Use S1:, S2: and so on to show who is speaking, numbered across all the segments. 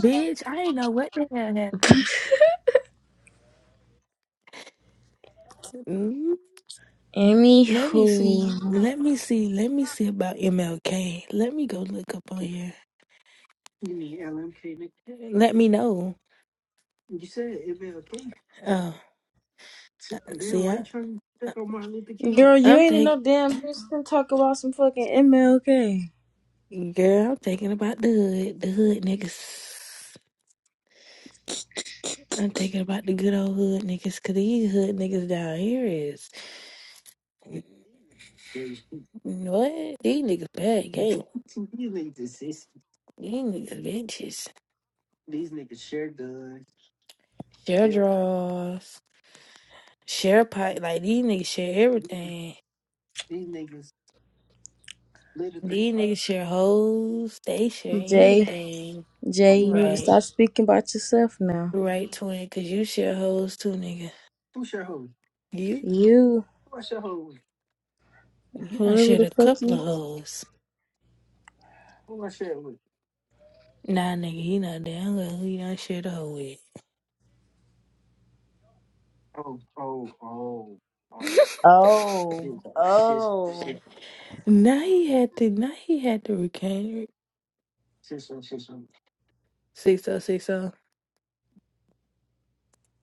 S1: Bitch, I didn't know what the hell happened. Mm, Let me
S2: Anywho,
S1: see. Let me see. Let me see about MLK. Let me go look up on here. Let me know. Oh, see, I, to
S2: girl, you
S1: I'm
S2: ain't in
S1: thinking,
S2: no damn Houston talk about some fucking MLK.
S1: girl. I'm thinking about the hood, the hood niggas. I'm thinking about the good old hood niggas, cause these hood niggas down here is what? These niggas bad game. These niggas bitches. Share Yeah. draws. Share pipe like these niggas share everything. These niggas share hoes. They share
S2: Jay,
S1: anything.
S2: Jay, you need to
S1: Right.
S2: stop speaking about yourself now.
S1: Right, twin, cause you share hoes too, nigga. You
S2: You,
S1: you done
S2: whoever
S1: shared
S2: the
S1: a
S2: fuck
S1: couple of
S2: you.
S1: hoes. Nah nigga, he not down with who you done shared a hoe with.
S2: Oh, oh.
S1: Now he had to now he had to recant six oh six oh.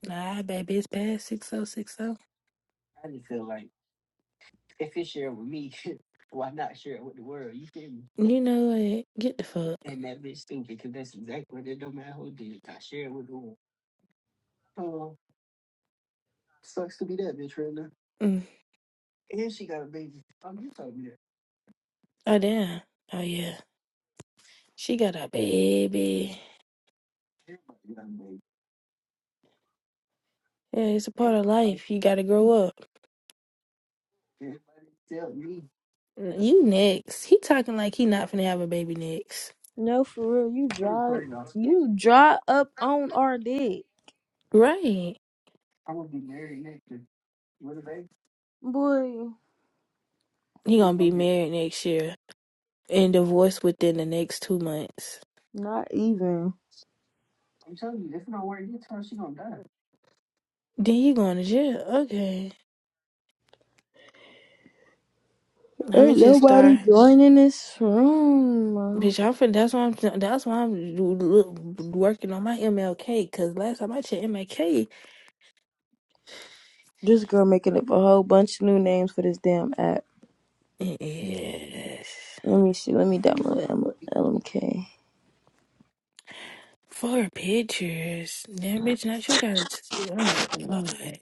S1: Nah, baby, it's past six oh six oh. You know what? Get the fuck. Mm. Oh damn. Oh yeah. She got a baby. Yeah, it's a part of life. You gotta grow up. You next. He talking like he not finna have a baby next.
S2: No, for real, you dry, you dry up on our dick,
S1: Right.
S2: boy.
S1: He gonna be married next year and divorced within the next two months.
S2: Not even.
S1: Then you going to jail. Okay. I'ma
S2: Ain't
S1: just
S2: nobody
S1: start.
S2: joining this room.
S1: Bitch, I'm finna, that's why I'm that's why I'm do- look, working on my MLK. Cause last time I checked MLK,
S2: This girl making up a whole bunch of new names for this damn app.
S1: yes,
S2: Let me see. Let me download M- LMK.
S1: four pictures. Damn, bitch, not you got. Oh my god,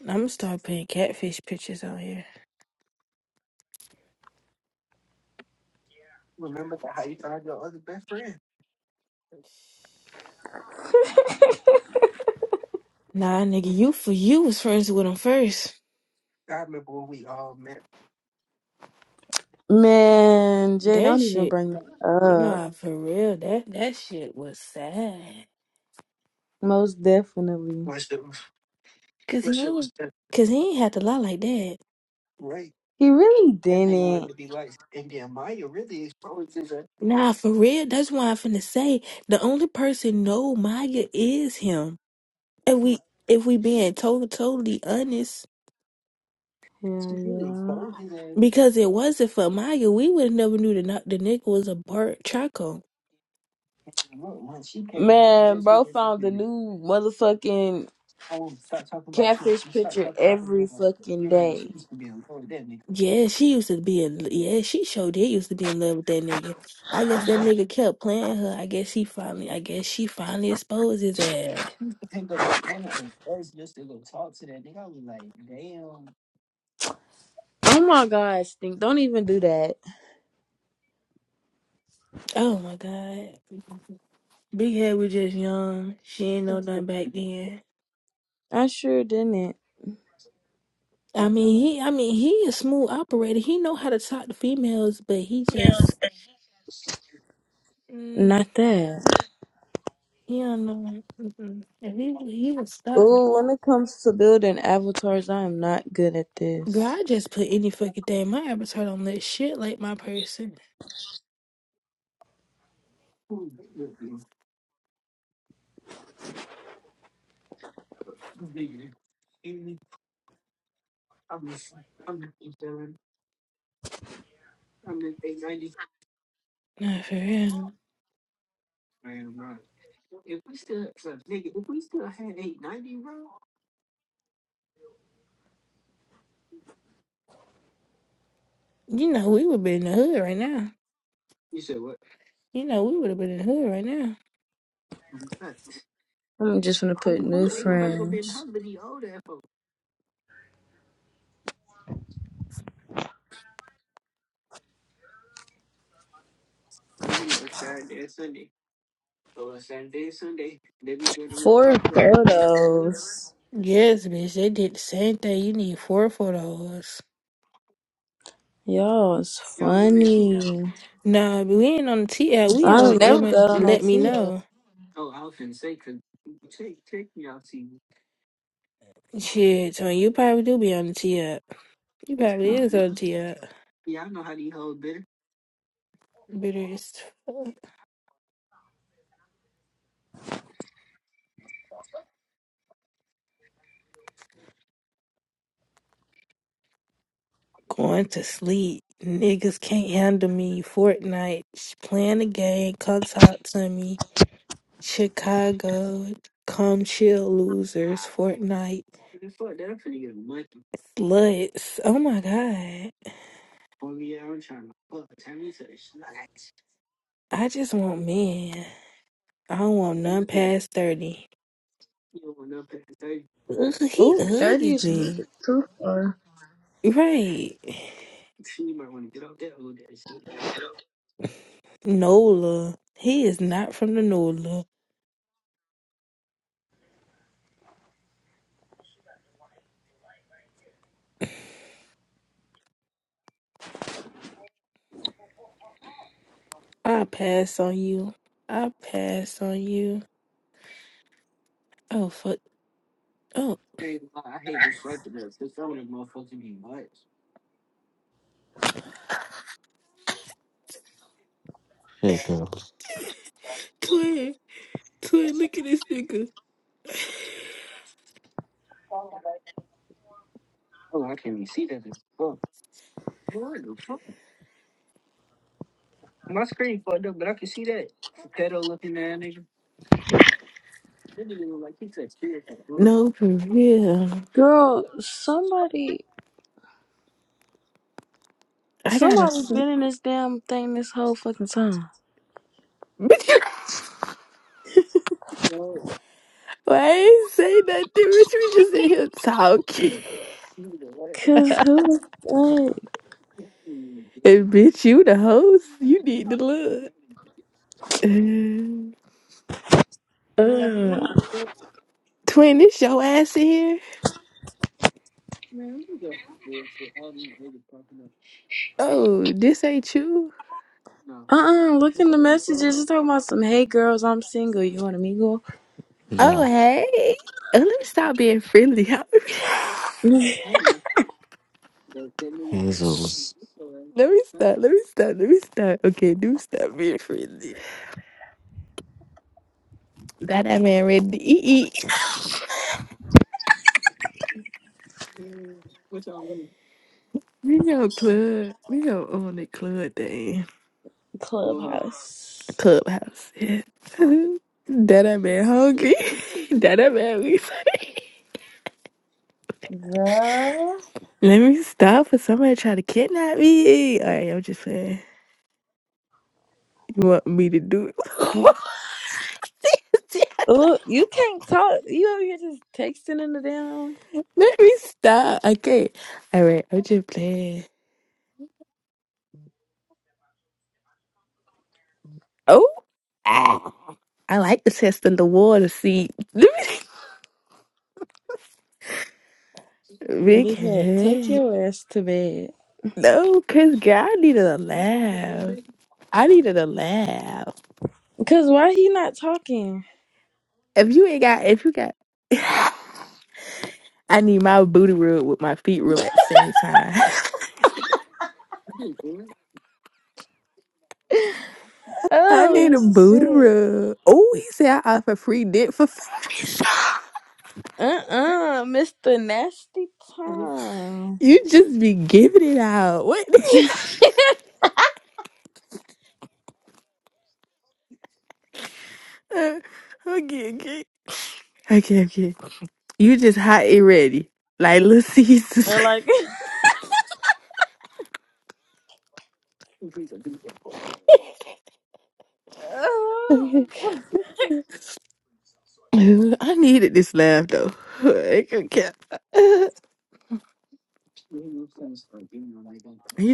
S1: I'm gonna start putting catfish pictures out here. Nah, nigga, you for you was friends with him first.
S2: Man, Jay,
S1: That
S2: don't even
S1: shit,
S2: bring that up.
S1: nah, for real. That that shit was sad.
S2: Most definitely.
S1: Cause he ain't, cause he ain't had to lie like that.
S2: He really didn't.
S1: Nah, for real. That's why I'm finna say the only person know Maya is him. If we if we being to- totally honest,
S2: Hell yeah.
S1: because it wasn't for Maya, we would have never knew the the nigga was a Bart Chaco.
S2: Man, bro found the new motherfucking catfish picture every fucking day.
S1: Yeah, she used to be in. Yeah, she showed did used to be in love with that nigga. I guess that nigga kept playing her. I guess he finally. I guess she finally exposed his ass.
S2: Oh my god, Stink. Don't even do that.
S1: Oh my god, Big Head was just young. She ain't know nothing back then.
S2: I sure didn't.
S1: I mean, he. I mean, he a smooth operator. He know how to talk to females, but he just. Mm,
S2: Not that.
S1: he don't know. Mm-mm. If he he was stuck.
S2: Ooh, when it comes to building avatars, I am not good at
S1: Girl,
S2: this.
S1: I just put any fucking thing. My avatar don't let shit like my person. Nah, for real. You know, we would be in the hood right now. You know, we would have been in the hood right now.
S2: I'm just gonna put new friends. Four photos.
S1: Yes, bitch, they did the same thing. You need four photos.
S2: Y'all is funny.
S1: Nah, but we ain't on the T app.
S2: I
S1: We on
S2: don't never
S1: Emma.
S2: got on no
S1: Let me
S2: Tia.
S1: know. Shit, so you probably do be on the T app. You probably is on the T app. Bitter as fuck. Going to sleep. Niggas can't handle me. Fortnite. Sh- Playing the game. Come talk to me. Chicago. Come chill, losers. Fortnite. Sluts. Oh my God. I just want men. I don't want none past 30. Ugh, he
S2: Ooh, 30 is a little
S1: ugly.
S2: bit too far.
S1: Right. Nola. He is not from the Nola. I pass on you. I pass on you. Oh, fuck. Oh,
S3: Hey girl.
S1: Twin. Twin, look at this nigga. No, for real.
S2: Girl, somebody
S1: I gotta
S2: somebody
S1: sleep.
S2: been in this damn thing this whole fucking time.
S1: Bitch, why I ain't say nothing? Bitch, we just in here talking.
S2: Cause who like
S1: And bitch, you the host. You need to look.
S2: uh uh
S1: Twin, this your ass in here? Oh, this ain't you?
S2: uh look in the messages. It's talking about some hey girls, I'm single, you want a mingle?
S1: Oh,
S3: Yeah.
S1: hey. Oh, let me stop being friendly. let me stop.
S3: Hazel's.
S1: Let me stop. Let me stop. Okay, do stop being friendly. That that man ready to eat. eat. We go club. We go on the club thing.
S2: Clubhouse.
S1: Clubhouse. Yeah. that that man hungry. that that man we.
S2: Girl.
S1: Let me stop for somebody try to kidnap me. All right, I'm just saying. You want me to do it?
S2: Oh, you can't talk you over here just texting in the damn
S1: Let me stop. Okay. All right, I'm just playing. Oh, ah. I like the test in the water. See, Let me- big
S2: They said, take
S1: head.
S2: your ass to bed.
S1: No, cause girl, I needed a laugh. I needed a laugh.
S2: Cause why he not talking?
S1: If you ain't got, if you got, I need my booty rub with my feet rub at the same time. I need
S2: Oh
S1: a booty
S2: shit.
S1: rub. Oh, he said I offer free dick for free.
S2: Uh-uh, Mr. Nasty Tom.
S1: You just be giving it out. What the hell? Okay, okay. Okay, okay. You just hot and ready. Like little
S2: They're
S1: Caesar.
S2: like oh,
S1: Okay. I needed this laugh though. Okay. You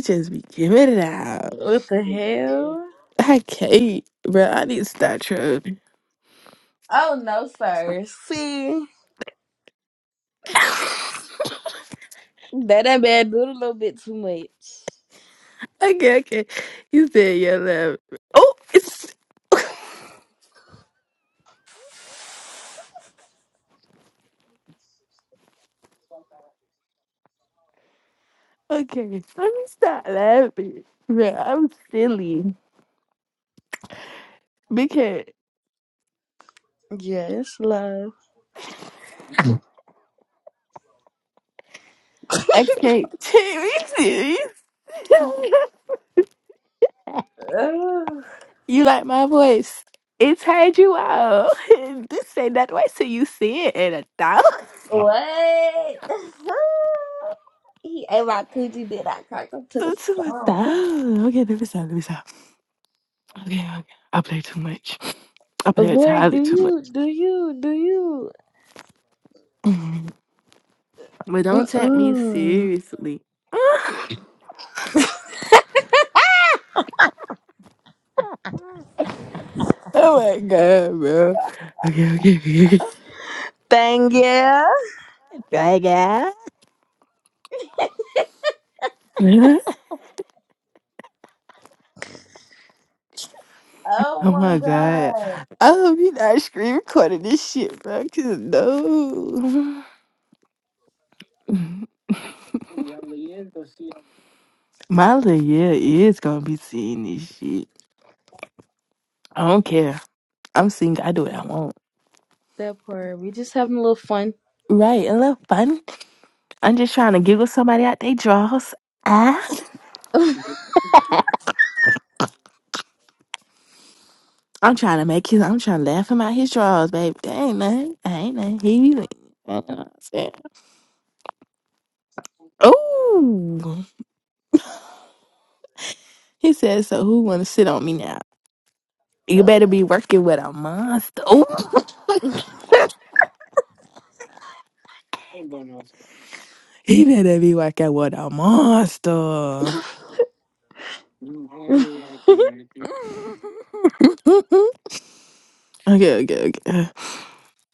S1: just be giving it out.
S2: What the hell?
S1: I can't, bro. I need to stop trolling.
S2: Oh no, sir. See. That that bad do a little bit too much.
S1: Okay, okay. You said your laugh. Oh, it's. Okay, let me stop laughing. Yeah, I'm silly because
S2: Yes, love.
S1: I can't take me serious.
S2: Ugh.
S1: you like my voice? It tired you out. this ain't that way till you see it in a thousand.
S2: what? he ate my coochie, then I cracked him to the
S1: To a
S2: song.
S1: thousand. Okay, let me stop. Let me stop. Okay, okay. I play too much. I
S2: Uh,
S1: play
S2: Boy, do
S1: entirely too much.
S2: you, do you, do you?
S1: Mhm. but don't take me
S2: Mm-mm.
S1: seriously. oh my god, bro. Okay, okay, okay. okay.
S2: Thank you.
S1: Right, guys?
S2: Oh
S1: Oh
S2: my
S1: my god.
S2: god.
S1: I hope you not screen recording this shit, bro. Cause no. My little yeah is gonna be seeing this shit. I don't care. I'm single. I do what I want.
S2: That part. We just having a little fun.
S1: Right, a little fun. I'm just trying to giggle somebody out they draws. Ah. I'm trying to make his I'm trying to laugh him out his draws, babe. That ain't nothing. I ain't nothing. He be like, I know what I'm saying. Oh he said, so who wanna sit on me now? You
S2: Oh,
S1: better be working with a monster. Ooh. He better be working with a monster. okay, okay, okay.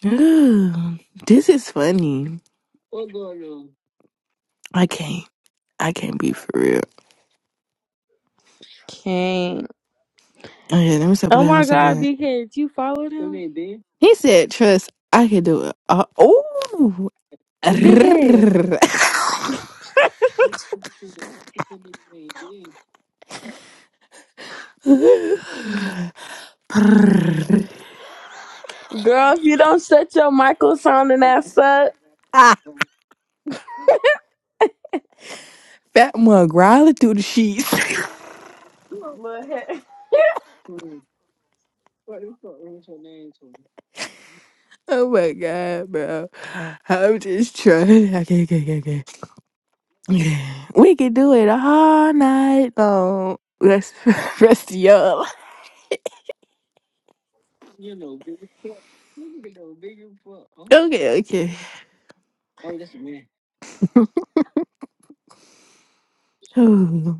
S1: Ugh, this is funny. I can't. I can't be for real.
S2: Can't.
S1: Okay, let me stop it.
S2: Oh
S1: Let me
S2: my
S1: stop
S2: god,
S1: it.
S2: Big Head, you followed him?
S1: He said, "Trust, I can do it." Uh, oh.
S2: Big Head. Girl, if you don't shut your Michael sounding ass up,
S1: Ah, Fat mug growling through the sheets.
S2: little hair. who
S1: oh my god, bro! I'm just trying. Okay, okay, okay, okay. We can do it all night long. Rest, rest of y'all. Okay, okay. Oh,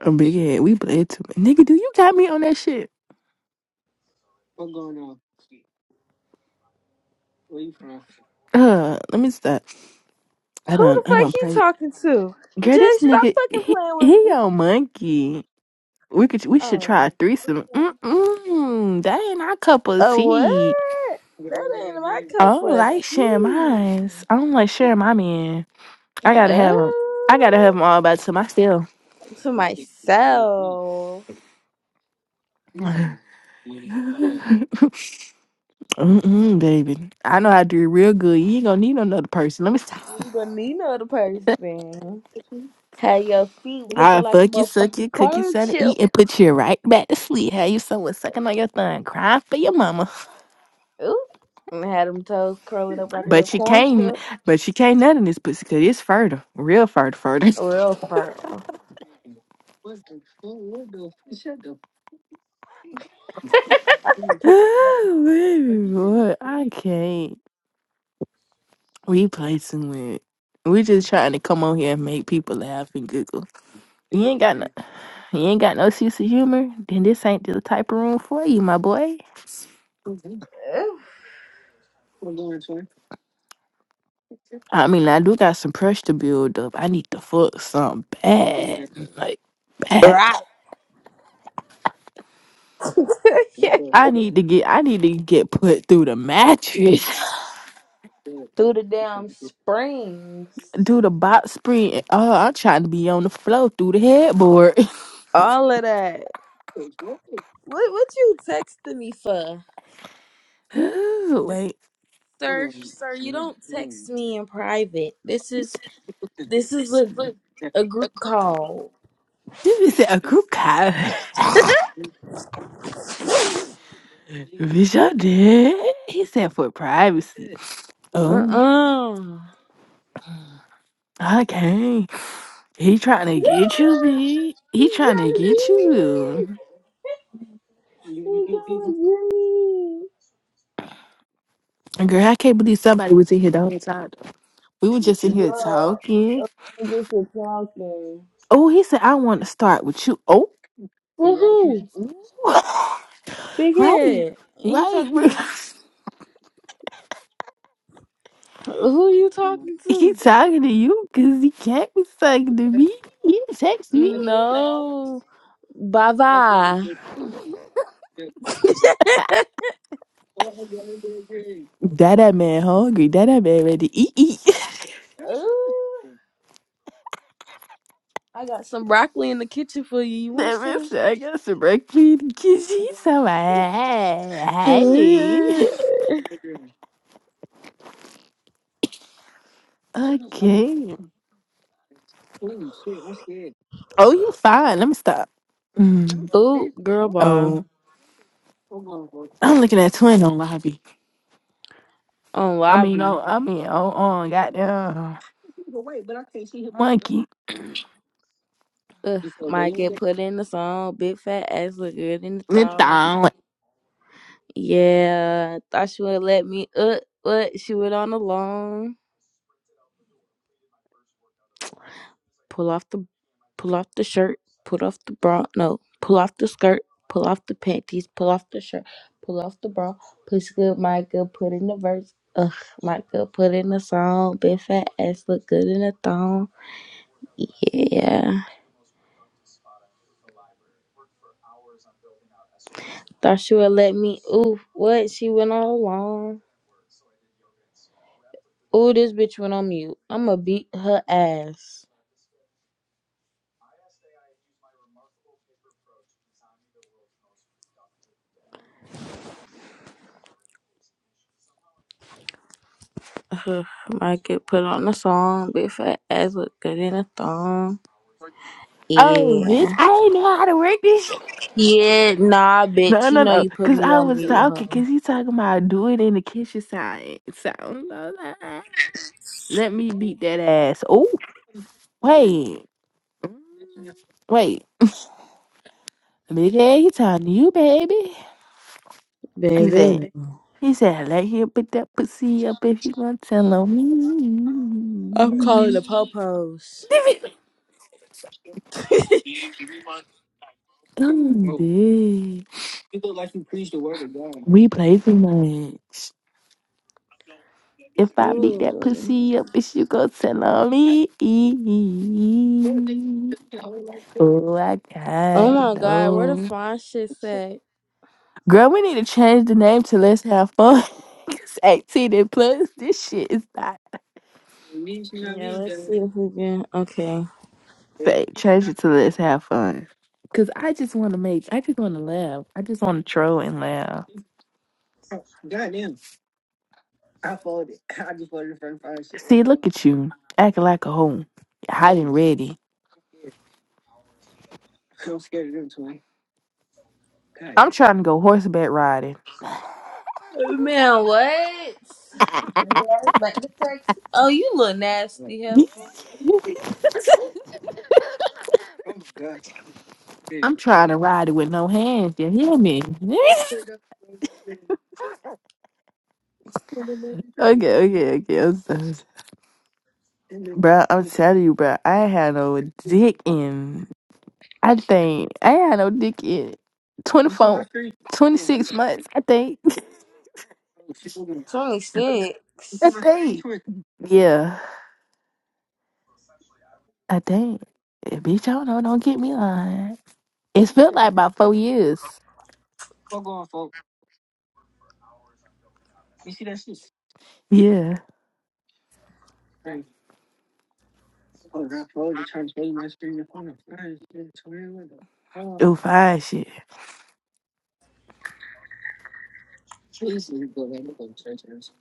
S1: a big head. We played too much. Nigga, do you got me on that shit? Uh, let me stop. I don't,
S2: the
S1: I don't
S2: fuck you
S1: play.
S2: talking to?
S1: Girl,
S2: Jay,
S1: this
S2: stop
S1: nigga,
S2: fucking
S1: he,
S2: playing with
S1: he
S2: me.
S1: your monkey. We could, we should try a
S2: Oh.
S1: threesome. Mm-mm, that ain't our cup of
S2: Oh what?
S1: tea.
S2: That ain't my
S1: I
S2: cup
S1: don't
S2: of
S1: like sharing
S2: tea.
S1: mine. I don't like sharing my man. I gotta have them. I gotta have
S2: Oh,
S1: them all by to myself.
S2: to myself.
S1: Mm-mm, baby. I know how to do it real good. You ain't gonna need another person. Let me stop.
S2: You don't need no other person. Had your feet looking
S1: I
S2: like a
S1: fuck you, suck you,
S2: motherfucking
S1: cook you,
S2: corn
S1: something to
S2: chip.
S1: eat, and put you right back to sleep. How you somewhere sucking on your thumb, crying for your mama.
S2: Ooh. And had them toes curling up like a little
S1: But you
S2: corn
S1: can't.
S2: chip.
S1: But you can't nut in this pussy because it's fertile, real fertile, fertile.
S2: Real fertile.
S1: Oh, baby boy, I can't. We play too much. We just trying to come on here and make people laugh and giggle. You ain't got You ain't got no sense of humor, then this ain't the type of room for you, my boy.
S2: Ooh.
S1: I mean, I do got some pressure to build up. I need to fuck something bad, like bad.
S2: Right.
S1: I need to get, I need to get put through the mattress,
S2: Through the damn springs.
S1: do the box spring. Oh, I'm trying to be on the floor through the headboard.
S2: All of that. What what you texting me for?
S1: Ooh, Wait,
S2: sir sir you don't text me in private this is this is a a group call
S1: this is a group call. Bitch, I did. He said for privacy. Oh,
S2: uh-uh
S1: okay. He trying to get you, B. He trying to get
S2: Jimmy!
S1: you.
S2: He Jimmy!
S1: And Girl, I can't believe somebody was in here the whole time. We were just in here
S2: Bro,
S1: talking.
S2: I'm just a talking.
S1: Oh, he said, I want to start with you. Oh.
S2: For
S1: You right?
S2: who?
S1: Ooh.
S2: Big
S1: right.
S2: head. He talking
S1: Right.
S2: to- Who you talking
S1: he
S2: to?
S1: talking to you because he can't be talking to me. He text me.
S2: No. Bye-bye.
S1: That that man hungry. That that man ready to eat. eat.
S2: Ooh, I got some broccoli in the kitchen for you. You want
S1: That man
S2: some?
S1: said, I got some breakfast in the kitchen. So, hey. Okay. Oh, you fine. Let me stop. Mm.
S2: Ooh, girl bar
S1: Oh, I'm looking at twin on lobby.
S2: on
S1: I mean, oh,
S2: lobby.
S1: I mean, oh, on goddamn monkey.
S2: Ugh, might get put in the song. Big fat ass look good in the
S1: It's
S2: thong.
S1: down.
S2: Yeah, thought she would let me. Uh, what? She went on the Pull off the, pull off the shirt. Pull off the bra. No, pull off the skirt. Pull off the panties. Pull off the shirt. Pull off the bra. Push good, my good. Put in the verse. Ugh, my good. Put in the song. Big fat ass look good in the thong. Yeah. Thought she would let me. Ooh, what? She went all along. Ooh, this bitch went on mute. I'ma beat her ass. Ugh, Might get put on a song. Big fat ass look good in a thong.
S1: Oh, bitch,
S2: Yeah.
S1: I didn't know how to work this shit.
S2: Yeah, nah,
S1: No,
S2: bitch. You
S1: no,
S2: know
S1: no.
S2: you put
S1: Cause
S2: me
S1: I
S2: on
S1: was
S2: mute,
S1: talking.
S2: huh?
S1: Cause he talking about do it in the kitchen side. So I was like, "Ah, let me beat that ass. Oh, wait, wait. Big ass, you talking to you, baby? He
S2: Baby.
S1: said, he said, let him put that pussy up if you want to tell on me.
S2: I'm calling the popos.
S1: I'm dead. We play too much. If I beat that
S2: Ooh.
S1: pussy up, bitch, you go tell on me. Oh, I
S2: Oh
S1: can't
S2: my god, where the
S1: know.
S2: fine shit at?
S1: Girl, we need to change the name to Let's Have Fun because 18 and plus, this shit is not
S2: Yeah, let's see if we can. Okay.
S1: Fa- Change it to let's have fun. Cause I just want to make, I just want to laugh. I just want to troll and laugh. See, look at you acting like a hoe, hiding ready. I'm trying to go horseback riding.
S2: Man, what? Bring your ass back to Texas. Oh, you look nasty
S1: damn.
S2: heifer.
S1: I'm trying to ride it with no hands. You hear me? okay, okay, okay. I'm so- And Bro, I'm telling you, bro. I had no dick in. I think I had no dick in 24, 26 months. I think. I
S2: 26.
S1: think. Yeah, I think. Eh, Bitch, I don't know. Don't get me lying. It's felt like about four years. Yeah. Oh, fine shit.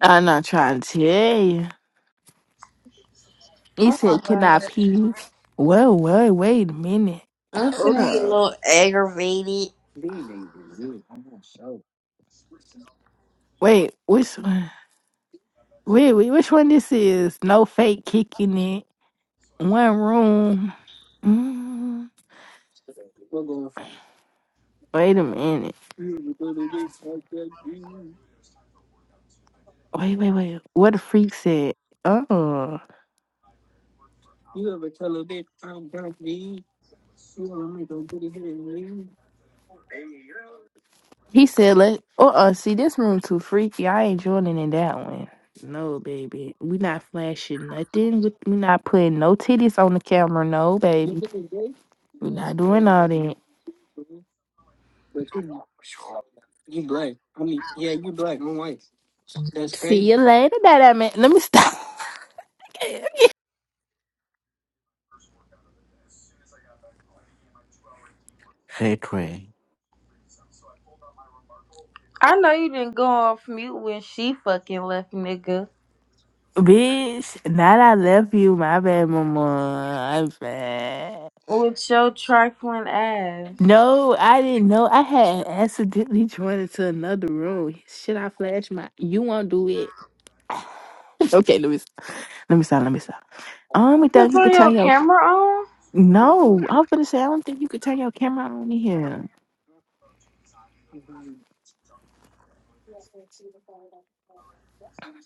S1: I'm not trying to tell you. He
S2: Oh my
S1: said, "Can
S2: god.
S1: I pee?" Whoa, whoa, wait a minute.
S2: I'm
S1: Hold
S2: finna get a
S1: up.
S2: little aggravated.
S1: Wait, which one? Wait, wait, which one this is? No fake kicking it. One room. Mm, wait a minute. Wait, wait, wait. What the freak said? Oh, he said, "Let uh, uh see this room too freaky. I ain't joining in that one. No, baby, we not flashing nothing. We we not putting no titties on the camera. No, baby, we not doing all that. See you later, that man. Let me stop."
S3: Hey Trey.
S2: I know you didn't go off mute when she fucking left, nigga.
S1: Bitch, now that I left you, my bad, mama. I'm bad.
S2: With your trifling ass.
S1: No, I didn't know. I had accidentally joined into another room. Should I flash my? You won't do it. Okay, let me let me stop. Let me stop. I don't
S2: You can
S1: think you
S2: put
S1: could
S2: your
S1: turn your.
S2: camera on?
S1: No, I was gonna say I don't think you could turn your camera on in here. I don't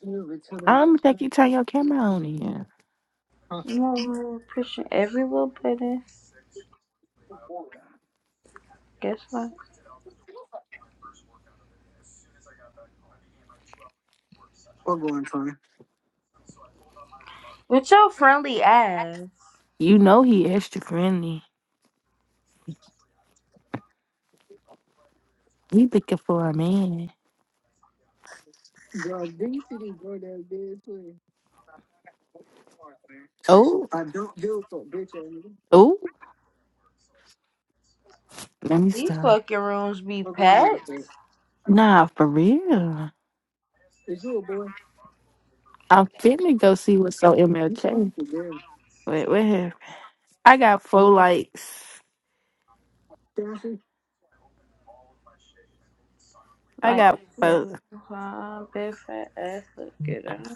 S1: think you turn your camera on in here.
S2: You know, we're pushing every little button. Guess what? With your friendly ass.
S1: You know he extra friendly. He looking for a man. Oh, oh, let me
S2: These
S1: stop.
S2: fucking rooms be packed.
S1: Nah, for real. I'm finna go see what's on MLK. Wait, wait. what happened? I got four likes. I
S2: Like
S1: got four.
S2: uh, big fat ass looking.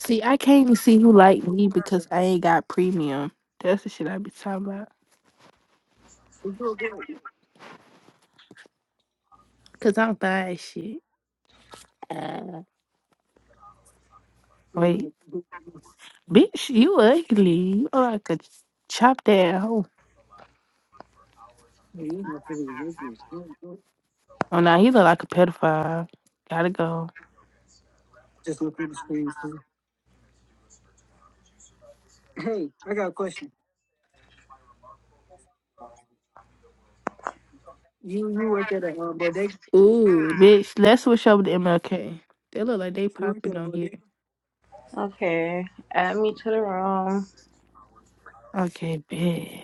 S1: See, I can't even see who liked me because I ain't got premium. That's the shit I be talking about. Cause I'm buying shit. Uh, Wait, bitch, you ugly. You look like a chop that hoe. Oh, now he look like a pedophile. Gotta go. Ooh, bitch, let's switch over to MLK. They look like they popping on here.
S2: Okay, add me to the room.
S1: Okay, bitch.